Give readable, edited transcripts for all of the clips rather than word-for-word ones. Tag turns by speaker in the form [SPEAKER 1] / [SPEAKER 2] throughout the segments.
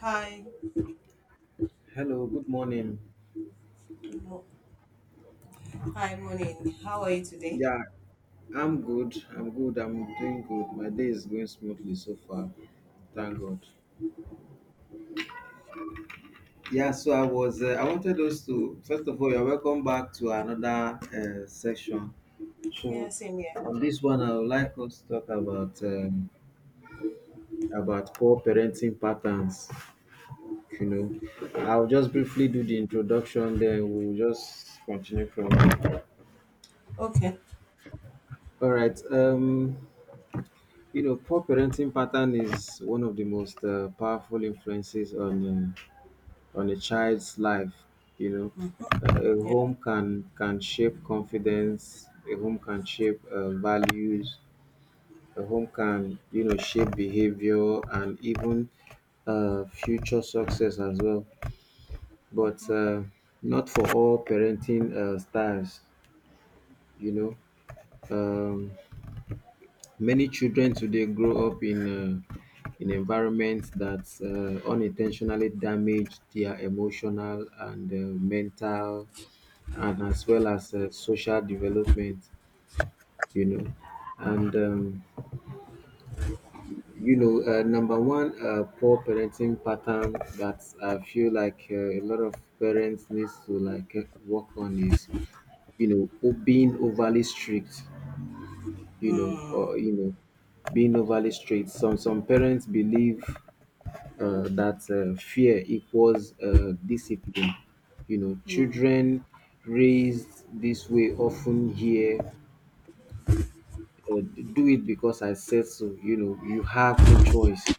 [SPEAKER 1] Hi,
[SPEAKER 2] Hello, good morning.
[SPEAKER 1] good mo- morning. How are you today?
[SPEAKER 2] Yeah, I'm good. I'm good. I'm doing good. My day is going smoothly so far. Thank God. Yeah, so I wanted us to, first of all, you're welcome back to another section.
[SPEAKER 1] Yeah,
[SPEAKER 2] So
[SPEAKER 1] same here.
[SPEAKER 2] on this one, I would like us to talk about poor parenting patterns. You know, I'll just briefly do the introduction, then we'll just continue from there.
[SPEAKER 1] Okay.
[SPEAKER 2] All right. Poor parenting pattern is one of the most powerful influences on a child's life. You know,
[SPEAKER 1] Mm,
[SPEAKER 2] a
[SPEAKER 1] yeah.
[SPEAKER 2] home can shape confidence. A home can shape values. A home can shape behavior and even future success as well. But not for all parenting styles. You know. Um, Many children today grow up in environments that unintentionally damage their emotional and mental, and as well as social development, you know. And number one, poor parenting pattern that I feel like a lot of parents needs to like work on is being overly strict, or, being overly strict. Some parents believe that fear equals discipline. You know,
[SPEAKER 1] Mm,
[SPEAKER 2] children raised this way often hear, uh, "Do it because I said so." You know, you have no choice.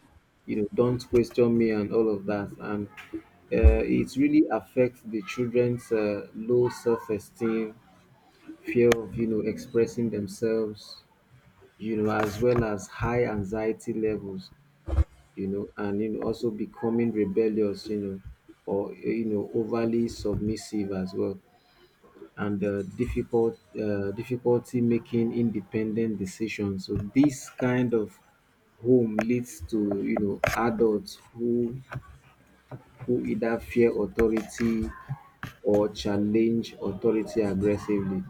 [SPEAKER 2] You know, don't question me and all of that. And it really affects the children's low self-esteem, fear of expressing themselves, as well as high anxiety levels, and also becoming rebellious, or overly submissive as well, and difficulty making independent decisions. So this kind of home leads to adults who either fear authority or challenge authority aggressively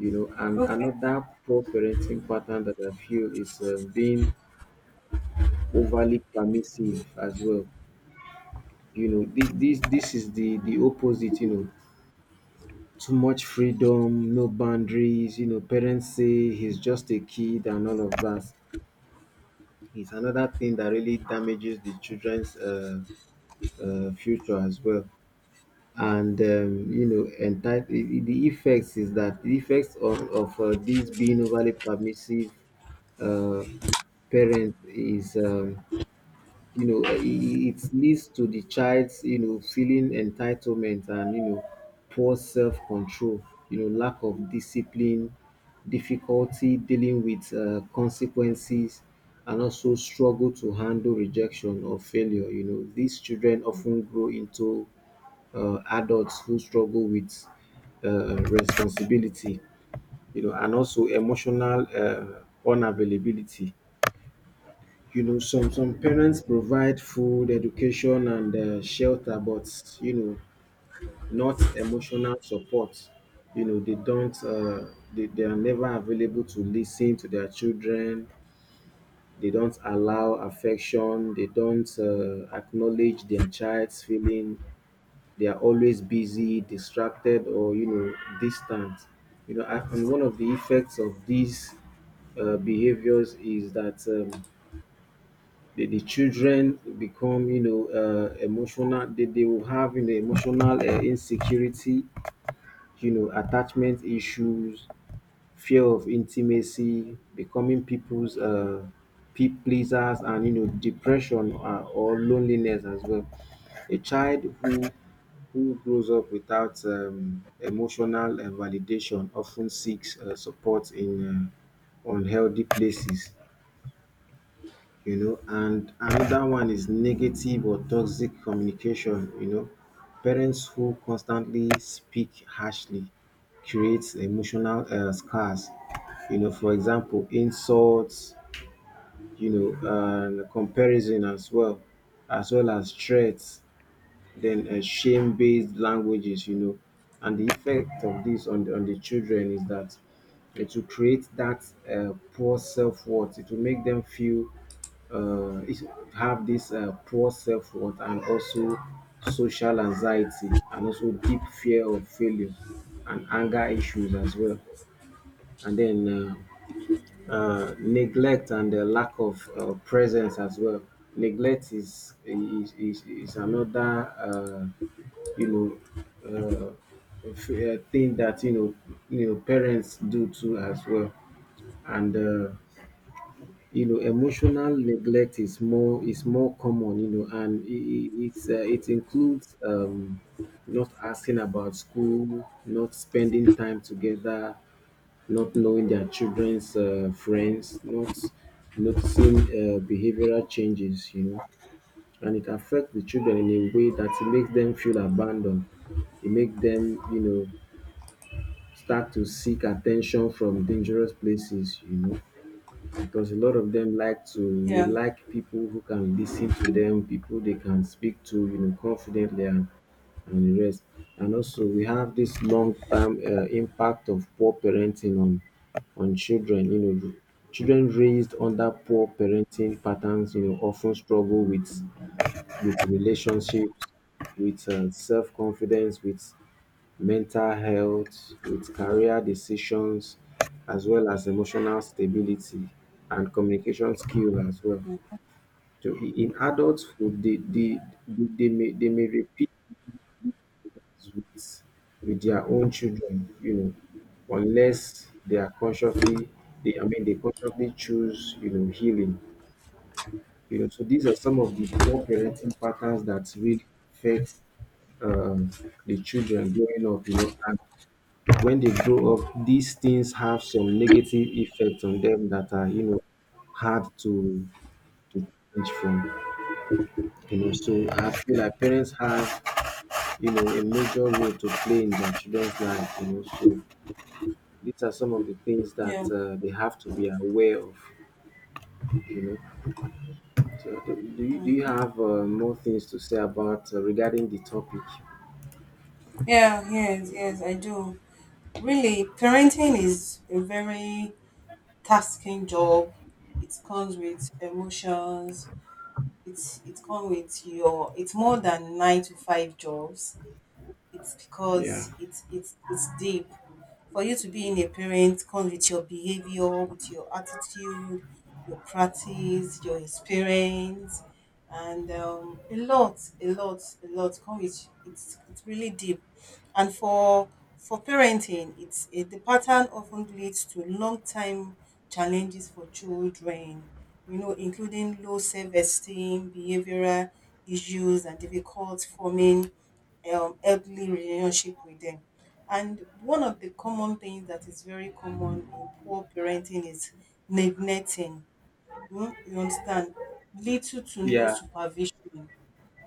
[SPEAKER 2] you know and
[SPEAKER 1] okay.
[SPEAKER 2] another poor parenting pattern that I feel is being overly permissive as well. You know, this is the opposite. Too much freedom, no boundaries, parents say he's just a kid and all of that. It's another thing that really damages the children's future as well. And the effects is that the effects of these being overly permissive uh, parents is. You know, it leads to the child's, feeling entitlement and, poor self-control, lack of discipline, difficulty dealing with consequences, and also struggle to handle rejection or failure. You know, these children often grow into adults who struggle with responsibility, and also emotional unavailability. You know, some parents provide food, education, and shelter, but you know, not emotional support. You know, they don't. They are never available to listen to their children. They don't allow affection. They don't acknowledge their child's feeling. They are always busy, distracted, or distant. You know, and one of the effects of these behaviors is that. The children become emotional. They will have emotional insecurity, attachment issues, fear of intimacy, becoming people's pleasers, and depression or loneliness as well. A child who grows up without emotional validation often seeks support in unhealthy places. And another one is negative or toxic communication. Parents who constantly speak harshly creates emotional scars. For example, insults, and comparison as well, as well as threats, then shame-based languages. And the effect of this on the children is that it will create that poor self-worth. It will make them feel uh, is- have this poor self-worth, and also social anxiety, and also deep fear of failure, and anger issues as well. And then neglect and the lack of presence as well. Neglect is another uh, you know thing that parents do too as well, and emotional neglect is more common, and it I- it's it includes not asking about school, not spending time together, not knowing their children's friends, not noticing behavioral changes, you know, and it affects the children in a way that it makes them feel abandoned. It makes them, start to seek attention from dangerous places, because a lot of them like to they
[SPEAKER 1] Yeah.
[SPEAKER 2] like people who can listen to them, people they can speak to, confidently and the rest. And also, we have this long-term impact of poor parenting on children. You know, children raised under poor parenting patterns, often struggle with relationships, with self-confidence, with mental health, with career decisions, as well as emotional stability and communication skill as well. So in adulthood, they may repeat with with their own children, you know, unless they are consciously they I mean they consciously choose, healing. You know, so these are some of the poor parenting patterns that really affect um the children growing up, you know, and when they grow up, these things have some negative effects on them that are, hard to change from. You know, so I feel like parents have, a major role to play in their children's life. You know, so these are some of the things that
[SPEAKER 1] Yeah.
[SPEAKER 2] they have to be aware of. You know, so do you
[SPEAKER 1] Mm.
[SPEAKER 2] have more things to say about regarding the topic?
[SPEAKER 1] Yeah. Yes. Yes, I do. Really, parenting is a very tasking job. It comes with emotions. It comes with your. It's more than nine to five jobs it's
[SPEAKER 2] Yeah,
[SPEAKER 1] because it's it's deep. For you to be in a parent, come with your behavior, with your attitude, your practice, your experience, and a lot, a lot, a lot. Come with it's really deep. And for parenting, the pattern often leads to long time challenges for children. You know, including low self esteem, behavioral issues, and difficult forming healthy relationship with them. And one of the common things that is very common in poor parenting is neglecting. Mm, you understand? Little to no
[SPEAKER 2] yeah,
[SPEAKER 1] supervision.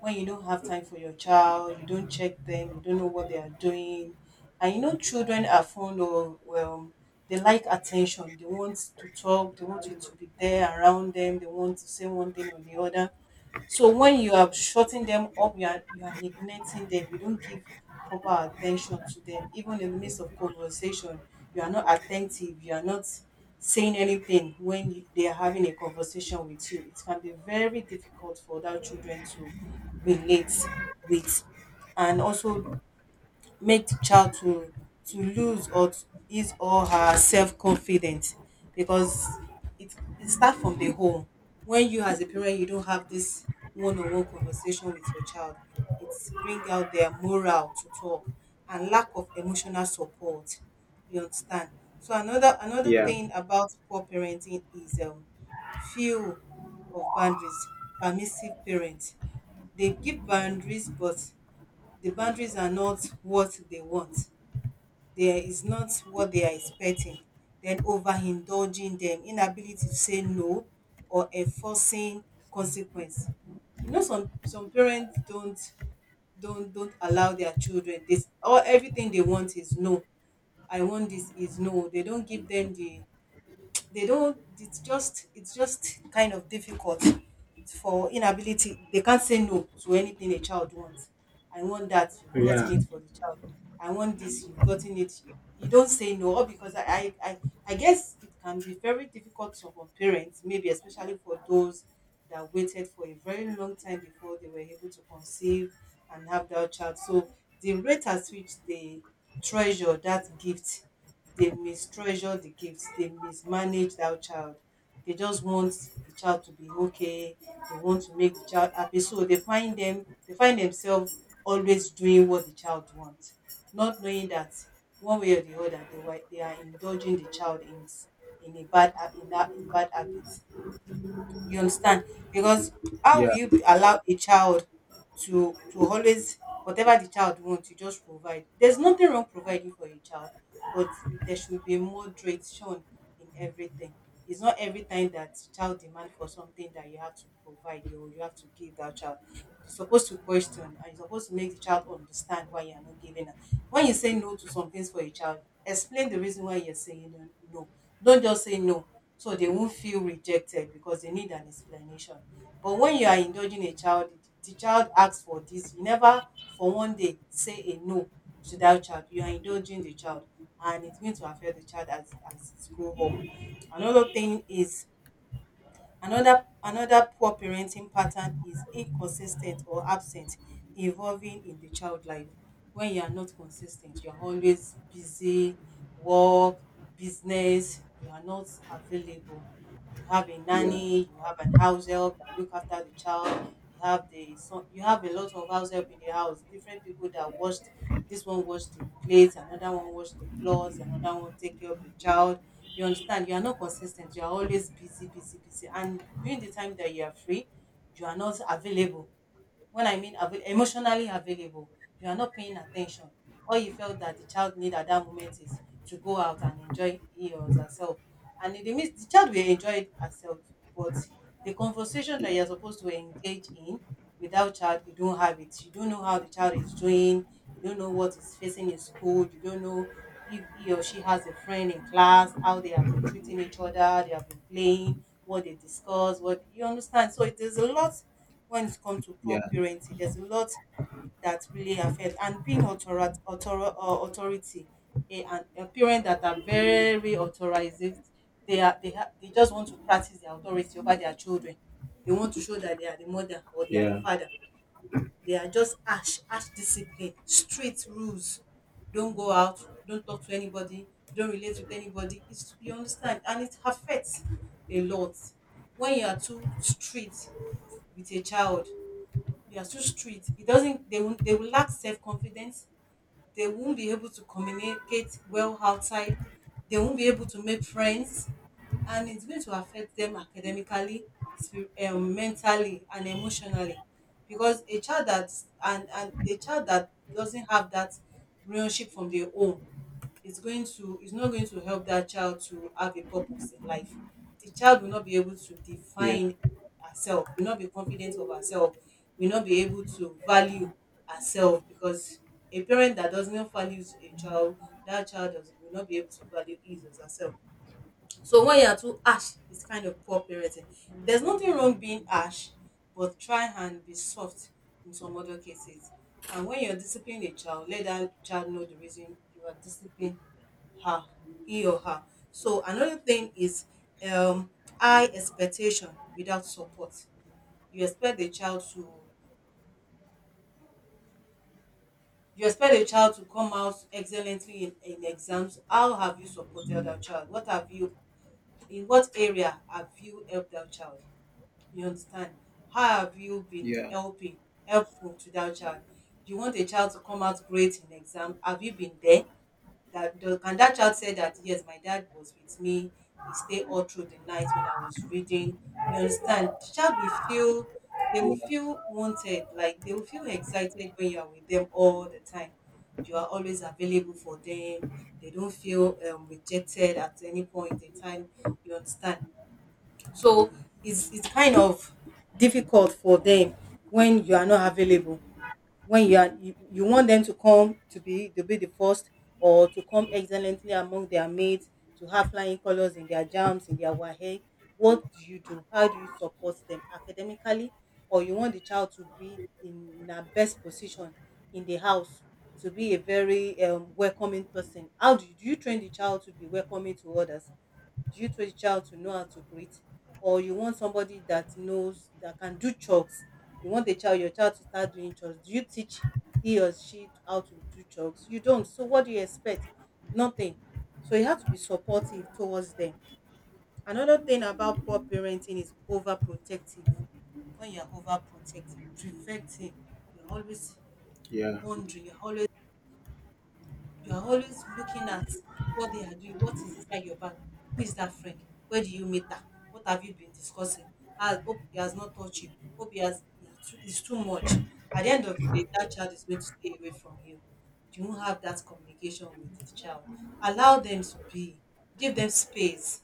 [SPEAKER 1] When you don't have time for your child, you don't check them, you don't know what they are doing. And you know, children are fond of, well, they like attention. They want to talk, they want you to be there around them, they want to say one thing or the other, so when you are shutting them up, you are neglecting them. You don't give proper attention to them. Even in the midst of conversation, you are not attentive. You are not saying anything when they are having a conversation with you. It can be very difficult for that children to relate with, and also make the child to lose or to his or her self confidence because it it start from the home. When you as a parent you don't have this one on one conversation with your child, it bring out their morale to talk and lack of emotional support. You understand? So another
[SPEAKER 2] yeah,
[SPEAKER 1] thing about poor parenting is few of boundaries. Permissive parents. They give boundaries but the boundaries are not what they want, there is not what they are expecting, then overindulging them, inability to say no or enforcing consequence. You know, some parents don't allow their children this, all everything they want is no. I want this is no, they don't give them the, they don't, it's just kind of difficult for inability, they can't say no to anything a child wants. I want that, you've
[SPEAKER 2] yeah,
[SPEAKER 1] gotten it for the child. I want this, you've gotten it. You, don't say no. All because I guess it can be very difficult for some parents, maybe especially for those that waited for a very long time before they were able to conceive and have that child. So the rate at which they treasure that gift, they mistreasure the gifts. They mismanage that child. They just want the child to be okay, they want to make the child happy. So they find themselves always doing what the child wants, not knowing that one way or the other they are indulging the child in a bad in that in bad habit. You understand? Because how will
[SPEAKER 2] yeah,
[SPEAKER 1] you allow a child to always whatever the child wants, you just provide. There's nothing wrong providing for a child, but there should be moderation in everything. It's not every time that the child demand for something that you have to provide or you have to give that child. You're supposed to question and you're supposed to make the child understand why you're not giving her. When you say no to some things for a child, explain the reason why you're saying no. Don't just say no, so they won't feel rejected because they need an explanation. But when you are indulging a child, the child asks for this, you never for one day say a no to that child. You are indulging the child and it's going to affect the child as it grow up. Another thing is Another poor parenting pattern is inconsistent or absent involving in the child life. When you are not consistent, you are always busy, work, business, you are not available. You have a
[SPEAKER 2] yeah,
[SPEAKER 1] nanny, you have an house help that look after the child, you have a lot of house help in the house, different people that washed, this one wash the plates, another one wash the clothes, another one take care of the child. You understand, you are not consistent, you are always busy, busy, busy, and during the time that you are free you are not available. When I mean emotionally available, you are not paying attention. All you felt that the child need at that moment is to go out and enjoy he or herself. And in the midst, the child will enjoy herself, but the conversation that you're supposed to engage in without child, you don't have it. You don't know how the child is doing. You don't know what is facing in school. You don't know if he or she has a friend in class, how they have been treating each other, they have been playing, what they discuss, what, you understand. So it is a lot when it comes to poor
[SPEAKER 2] yeah,
[SPEAKER 1] parenting. There's a lot that really affect. And being authority, and a parent that are very authoritative, they are they have they just want to practice their authority over their children. They want to show that they are the mother or they are the
[SPEAKER 2] yeah,
[SPEAKER 1] father. They are just ash ash discipline, strict rules. Don't go out, don't talk to anybody, don't relate with anybody. It's, you understand, and it affects a lot when you are too strict with a child. They are too strict, it doesn't, they will lack self-confidence, they won't be able to communicate well outside, they won't be able to make friends, and it's going to affect them academically, mentally and emotionally, because a child that and a child that doesn't have that relationship from their own, it's not going to help that child to have a purpose in life. The child will not be able to
[SPEAKER 2] yeah,
[SPEAKER 1] define herself, will not be confident of herself, will not be able to value herself, because a parent that doesn't value a child, that child does, will not be able to value his or herself. So when you are too harsh, it's kind of poor parenting. There's nothing wrong being harsh, but try and be soft in some other cases. And when you're disciplining a child, let that child know the reason you are disciplining her, he or her. So another thing is um, high expectation without support. You expect the child to you expect the child to come out excellently in exams. How have you supported that child? What have you, in what area have you helped that child? You understand? How have you been
[SPEAKER 2] yeah.
[SPEAKER 1] helping, helpful to that child? You want a child to come out great in exam. Have you been there? Can that child say that yes, my dad was with me. He stayed all through the night when I was reading. You understand? They will
[SPEAKER 2] Yeah.
[SPEAKER 1] feel wanted, like they will feel excited when you are with them all the time. You are always available for them. They don't feel rejected at any point in time. You understand? So it's kind of difficult for them when you are not available. When you want them to come to be the first or to come excellently among their mates, to have flying colors in their jams, in their wahe. What do you do? How do you support them academically? Or you want the child to be in her best position in the house, to be a very welcoming person. How do you train the child to be welcoming to others? Do you train the child to know how to create, or you want somebody that knows that can do chores? You want the child your child to start doing chores. Do you teach he or she how to do chores? You don't. So what do you expect? Nothing. So you have to be supportive towards them. Another thing about poor parenting is overprotective. When you're overprotective, preventing, you're always
[SPEAKER 2] Yeah,
[SPEAKER 1] wondering, you are always looking at what they are doing, what is inside your bag, who is that friend, where do you meet her, what have you been discussing? I hope he has not touched you. Hope he has, too, it's too much. At the end of the day, that child is going to stay away from you. You won't have that communication with the child. Allow them to be. Give them space.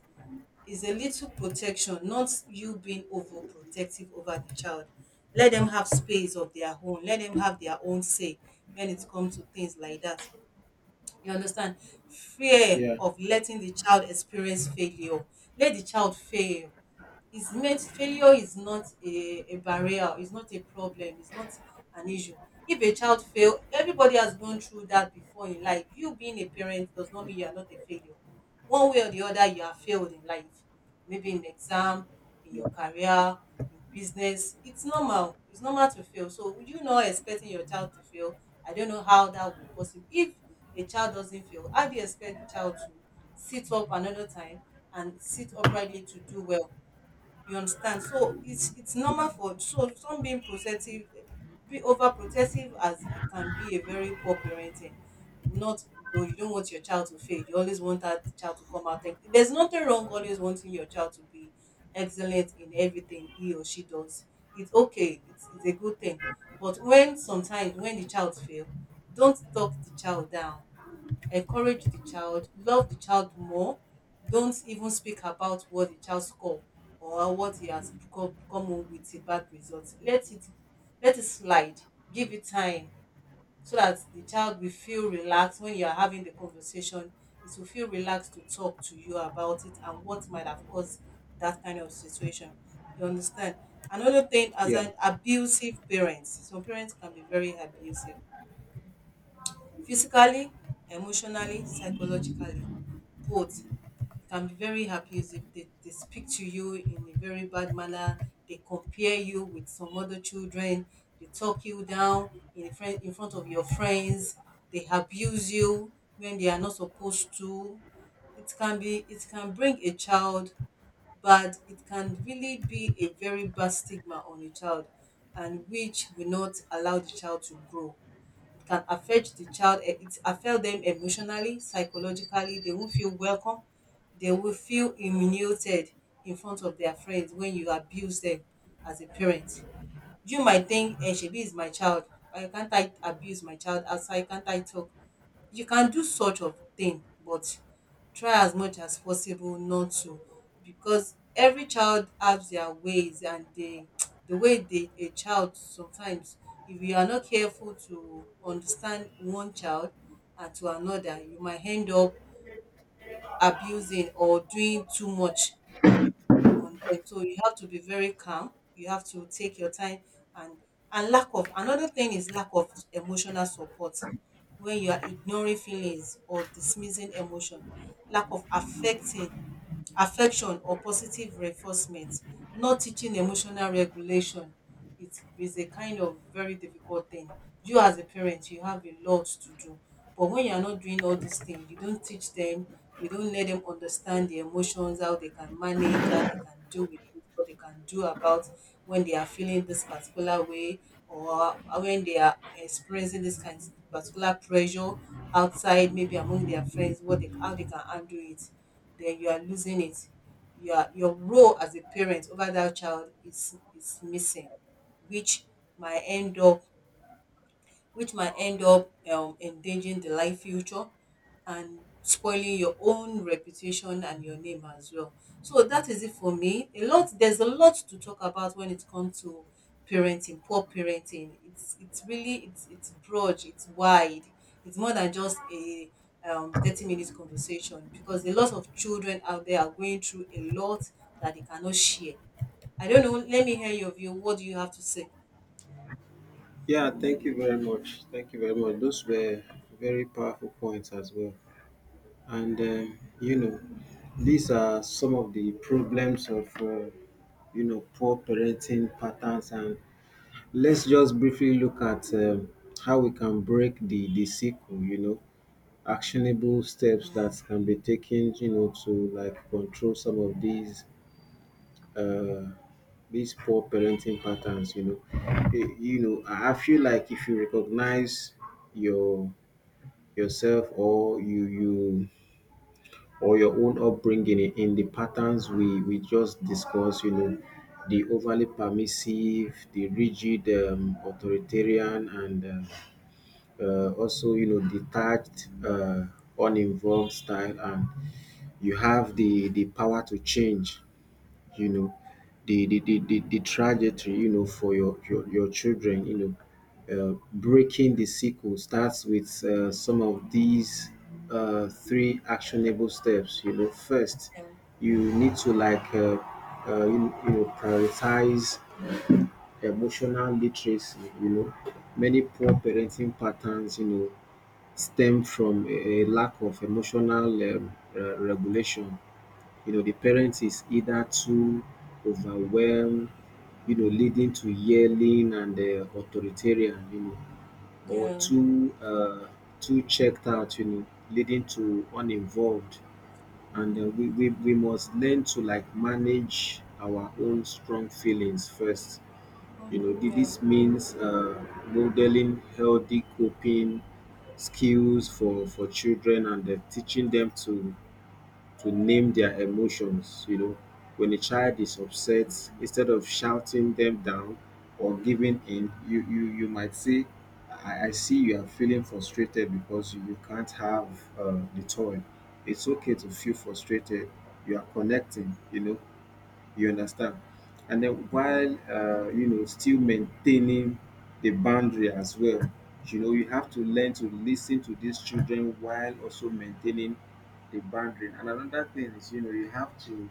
[SPEAKER 1] It's a little protection, not you being overprotective over the child. Let them have space of their own. Let them have their own say when it comes to things like that. You understand? Fear
[SPEAKER 2] yeah,
[SPEAKER 1] of letting the child experience failure. Let the child fail is meant failure is not a barrier, it's not a problem, it's not an issue. If a child fail, everybody has gone through that before in life. You being a parent does not mean you are not a failure. One way or the other, you have failed in life, maybe in exam, in
[SPEAKER 2] yeah,
[SPEAKER 1] your career, in business. It's normal, it's normal to fail, so you not expecting your child to fail. I don't know how that will be possible. If a child doesn't fail, how do you expect the child to sit up another time and sit uprightly to do well? You understand? So it's normal
[SPEAKER 2] yeah,
[SPEAKER 1] for so some being protective, be overprotective as it can be a very poor parenting. Not though you don't want your child to fail, you always want that child to come out. There's nothing wrong always wanting your child to be excellent in everything he or she does. It's okay. It's a good thing. But when sometimes when the child fail, don't talk the child down, encourage the child, love the child more. Don't even speak about what the child score or what he has come home with a bad result. Let it slide. Give it time so that the child will feel relaxed when you are having the conversation. It will feel relaxed to talk to you about it and what might have caused that kind of situation. You understand? Another thing, as
[SPEAKER 2] yeah.
[SPEAKER 1] an abusive parent, some parents can be very abusive. Physically, emotionally, psychologically, both can be very happy if they speak to you in a very bad manner, they compare you with some other children, they talk you down in front of your friends, they abuse you when they are not supposed to. It can bring a child, but it can really be a very bad stigma on a child and which will not allow the child to grow. It can affect the child, eh, it affect them emotionally, psychologically. They won't feel welcome, they will feel humiliated in front of their friends when you abuse them as a parent. You might think, eh, shebi is my child, why can't I abuse my child outside, can't I talk? You can do such of thing, but try as much as possible not to, because every child has their ways and they the way they a child sometimes, if you are not careful to understand one child and to another, you might end up abusing or doing too much on them. So you have to be very calm. You have to take your time and and lack of another thing is lack of emotional support. When you are ignoring feelings or dismissing emotion, lack of affecting affection or positive reinforcement, not teaching emotional regulation, it is a kind of very difficult thing. You as a parent, you have a lot to do. But when you are not doing all these things, you don't teach them, you don't let them understand the emotions, how they can manage, how they can do with it, what they can do about when they are feeling this particular way or when they are experiencing this kind of particular pressure outside, maybe among their friends, what they how they can handle it, then you are losing it. Your role as a parent over that child is missing, which might end up endangering the life future and spoiling your own reputation and your name as well. So that is it for me. A lot There's a lot to talk about when it comes to parenting, poor parenting. It's really it's broad, it's wide. It's more than just a 30 minutes conversation because a lot of children out there are going through a lot that they cannot share. I don't know. Let me hear your view. What do you have to say?
[SPEAKER 2] Yeah, thank you very much. Thank you very much. Those were very powerful points as well. And these are some of the problems of poor parenting patterns. And let's just briefly look at how we can break the cycle, you know, actionable steps that can be taken, to like control some of uh, these poor parenting patterns. I feel like if you recognize your yourself or you or your own upbringing in the patterns we just discussed, you know, the overly permissive, the rigid,
[SPEAKER 1] Mhm.
[SPEAKER 2] authoritarian, and also detached, uninvolved style, and you have the power to change you know the trajectory for your children breaking the cycle starts with some of these three actionable steps. You know first
[SPEAKER 1] Yeah.
[SPEAKER 2] you need to like prioritize emotional literacy. You know many poor parenting patterns stem from a lack of emotional regulation. You know, the parent is
[SPEAKER 1] Mhm.
[SPEAKER 2] either too overwhelmed, leading to yelling and authoritarian, or
[SPEAKER 1] Yeah.
[SPEAKER 2] too checked out, leading to uninvolved. And we must learn to like manage our own strong feelings first. You know, thi-
[SPEAKER 1] Yeah.
[SPEAKER 2] this means modeling healthy coping skills for children, and teaching them to name their emotions. When a child is upset, instead of shouting them down or giving in, you might say, I see you are feeling frustrated because you can't have the toy. It's okay to feel frustrated. You are connecting, you know. You understand? And then
[SPEAKER 1] Mhm.
[SPEAKER 2] while still maintaining the boundary as well, you have to learn to listen to these children while also maintaining the boundary. And another thing is you have to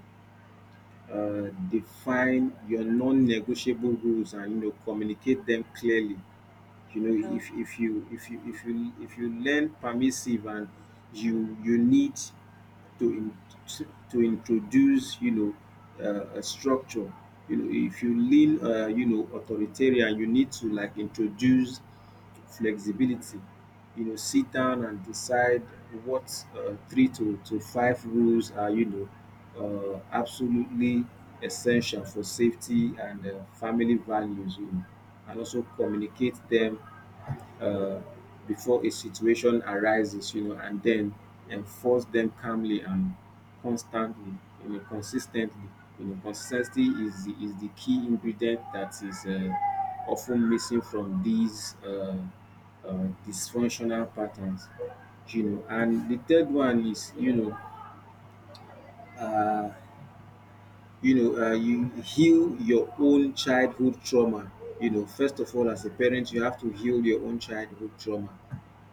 [SPEAKER 2] define your non-negotiable rules and communicate them clearly. You know
[SPEAKER 1] Yeah.
[SPEAKER 2] if you if you if you if you learn permissive and you need to in, to introduce a structure. You know, if you lean authoritarian, you need to like introduce flexibility. You know sit down and decide what three to five rules are absolutely essential for safety and family values and also communicate them uh, before a situation arises, and then enforce them calmly and constantly, consistently. You know, consistency is the key ingredient that is often missing from these uh, dysfunctional patterns. You know, and the third one isuh, you heal your own childhood trauma. You know, first of all, as a parent, you have to heal your own childhood trauma.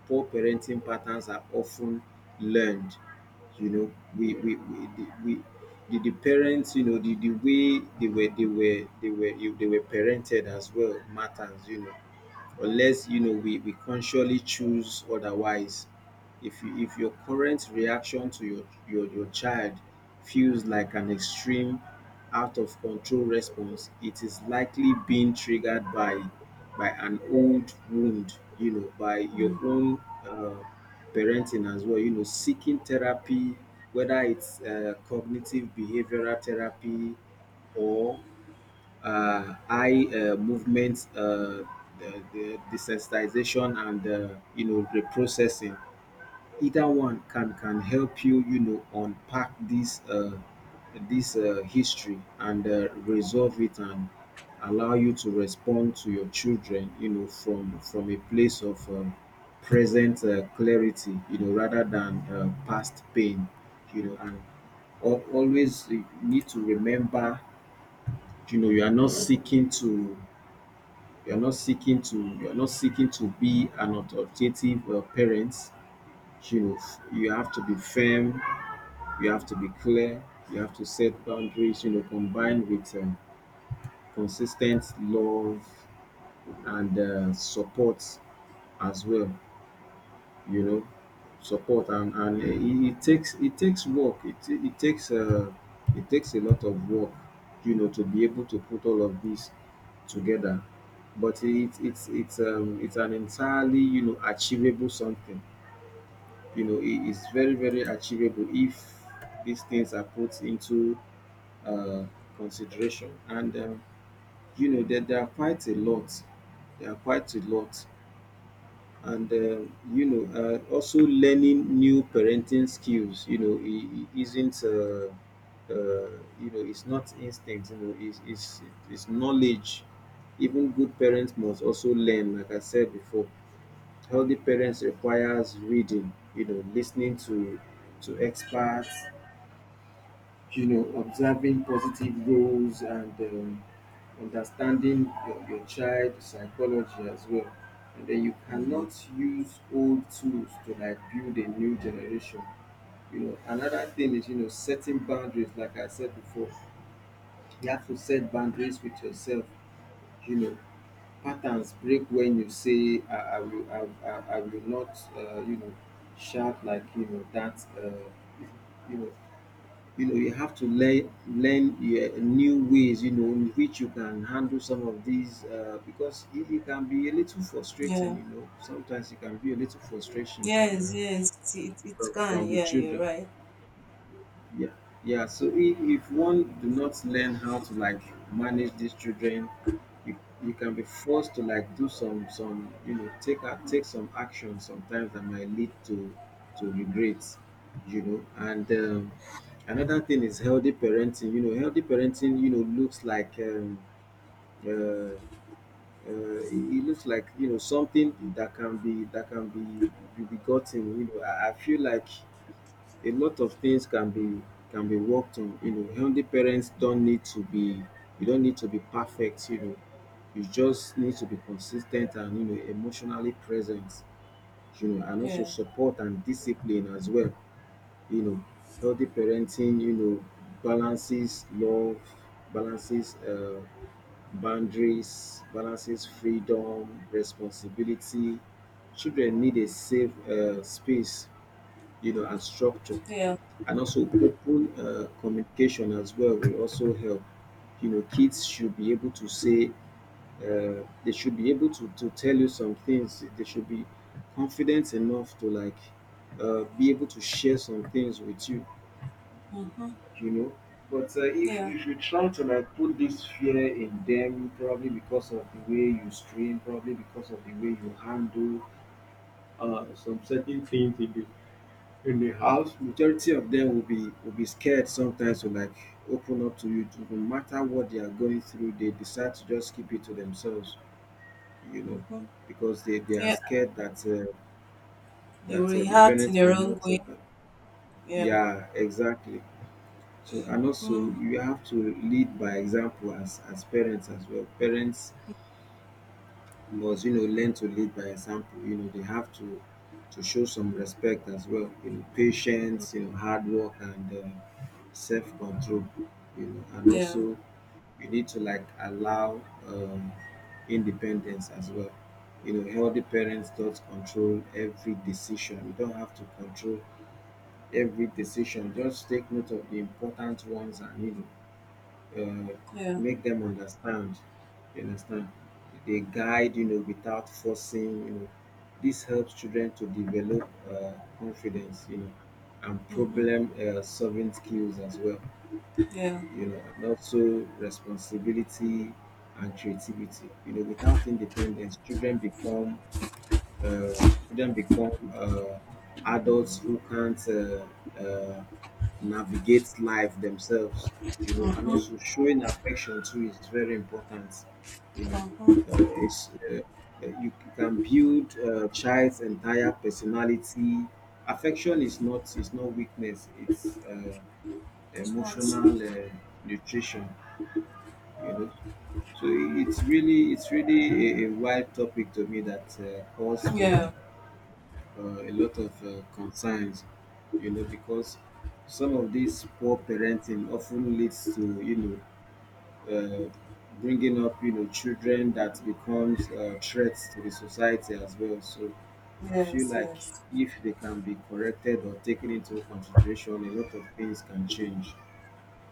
[SPEAKER 2] Poor parenting patterns are of ten learned, you know we the parents. The way they were parented as well matters, unless, we consciously choose otherwise. If you, if your current reaction to your child feels like an extreme out of control response, it is likely being triggered by an old wound, by your own uh, parenting as well. Seeking therapy, whether it's cognitive behavioral therapy or eye movement, the desensitization, and reprocessing. Either one can help you, unpack this this history and resolve it, and allow you to respond to your children, from a place of present clarity, rather than past pain, and always need to remember, you are not seeking to, you're not seeking to be an authoritative parent. You have to be firm, you have to be clear, you have to set boundaries, combined with consistent love and support as well. you know, Support and it takes work. It takes, it takes a lot of work, to be able to put all of this together. But it's it's an entirely, achievable something. You know, it is very, very achievable if these things are put into, uh, consideration. And, that there are quite a lot. There are quite a lot, and also learning new parenting skills. It, it isn't uh, it's not instinct. It's, it's knowledge. Even good parents must also learn, like I said before. Healthy parents requires reading, listening to experts, observing positive roles and understanding your child psychology as well. And then you cannot use old tools to like build a new generation. You know, another thing is, setting boundaries, like I said before, you have to set boundaries with yourself, you know, patterns break when you say I will not shout like, you know, that you know you know, you have to learn, yeah, new ways, you know, in which you can handle some of these, because it can be a little frustrating,
[SPEAKER 1] Yeah.
[SPEAKER 2] you know. Sometimes it can be a little frustration
[SPEAKER 1] Yes, yes. It can.
[SPEAKER 2] from the
[SPEAKER 1] Yeah, you're
[SPEAKER 2] children.
[SPEAKER 1] right.
[SPEAKER 2] Yeah, yeah. So if one do not learn how to like manage these children, you, you can be forced to like do some, take take some action sometimes that might lead to regrets, you know. And another thing is healthy parenting. You know, healthy parenting, looks like uh, it, it looks like, you know, something that can be be gotten. You know, I feel like a lot of things can be worked on. You know, healthy parents don't need to be, you don't need to be perfect, you know. You just need to be consistent and, you know, emotionally present, you know, and also
[SPEAKER 1] Yeah.
[SPEAKER 2] support and discipline as well. You know, healthy parenting, you know, balances love, balances boundaries, balances freedom, responsibility. Children need a safe space, you know, and structure,
[SPEAKER 1] Yeah.
[SPEAKER 2] and also open communication as well will also help. Kids should be able to say they should be able to tell you some things, they should be confident enough to like be able to share some things with you.
[SPEAKER 1] Mm-hmm.
[SPEAKER 2] You know But
[SPEAKER 1] Yeah.
[SPEAKER 2] if you try to like put this fear in them, probably because of the way you stream, probably because of the way you handle some certain house, majority of them will be scared sometimes to like open up to you. No matter what they are going through, they decide to just keep it to themselves, you know
[SPEAKER 1] Mm-hmm.
[SPEAKER 2] because they are
[SPEAKER 1] Yeah.
[SPEAKER 2] scared that
[SPEAKER 1] You
[SPEAKER 2] that the
[SPEAKER 1] react in
[SPEAKER 2] parents
[SPEAKER 1] your
[SPEAKER 2] might
[SPEAKER 1] own
[SPEAKER 2] not
[SPEAKER 1] way. Yeah.
[SPEAKER 2] yeah, exactly. So and also,
[SPEAKER 1] Mm-hmm.
[SPEAKER 2] you have to lead by example, as parents as well. Parents must, you know, learn to lead by example. You know, they have to show some respect as well. You know, patience, you know, hard work, and self control. You know, and also
[SPEAKER 1] Yeah.
[SPEAKER 2] you need to like allow um, independence as well. You know, healthy parents don't control every decision. You don't have to control every decision. Just take note of the important ones and, uh,
[SPEAKER 1] Yeah.
[SPEAKER 2] make them understand. You understand? They guide, you know, without forcing. You know, this helps children to develop confidence, you know, and problem solving skills as well.
[SPEAKER 1] Yeah.
[SPEAKER 2] You know, and also responsibility and creativity. You know, without independence, uh, children become adults who can't uh, navigate life themselves, you know, and also showing affection too is very important. You know,
[SPEAKER 1] Mm-hmm.
[SPEAKER 2] it's you can build a child's entire personality. Affection is not weakness. It's
[SPEAKER 1] Response.
[SPEAKER 2] emotional nutrition. You know, so it's really a wide topic to me that calls for
[SPEAKER 1] Yeah.
[SPEAKER 2] a lot of concerns, you know, because some of these poor parenting often leads to, you know, uh, bringing up, you know, children that becomes threats to the society as well. So I feel
[SPEAKER 1] Yes,
[SPEAKER 2] like
[SPEAKER 1] yes.
[SPEAKER 2] if they can be corrected or taken into consideration, a lot of things can change.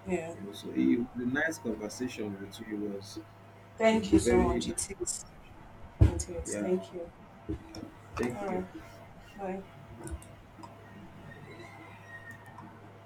[SPEAKER 1] Yeah.
[SPEAKER 2] You know, so the nice conversation with you was
[SPEAKER 1] Thank you so
[SPEAKER 2] very,
[SPEAKER 1] much.
[SPEAKER 2] nice.
[SPEAKER 1] It is. It is.
[SPEAKER 2] Yeah.
[SPEAKER 1] Thank you. All
[SPEAKER 2] Thank you.
[SPEAKER 1] right. Bye.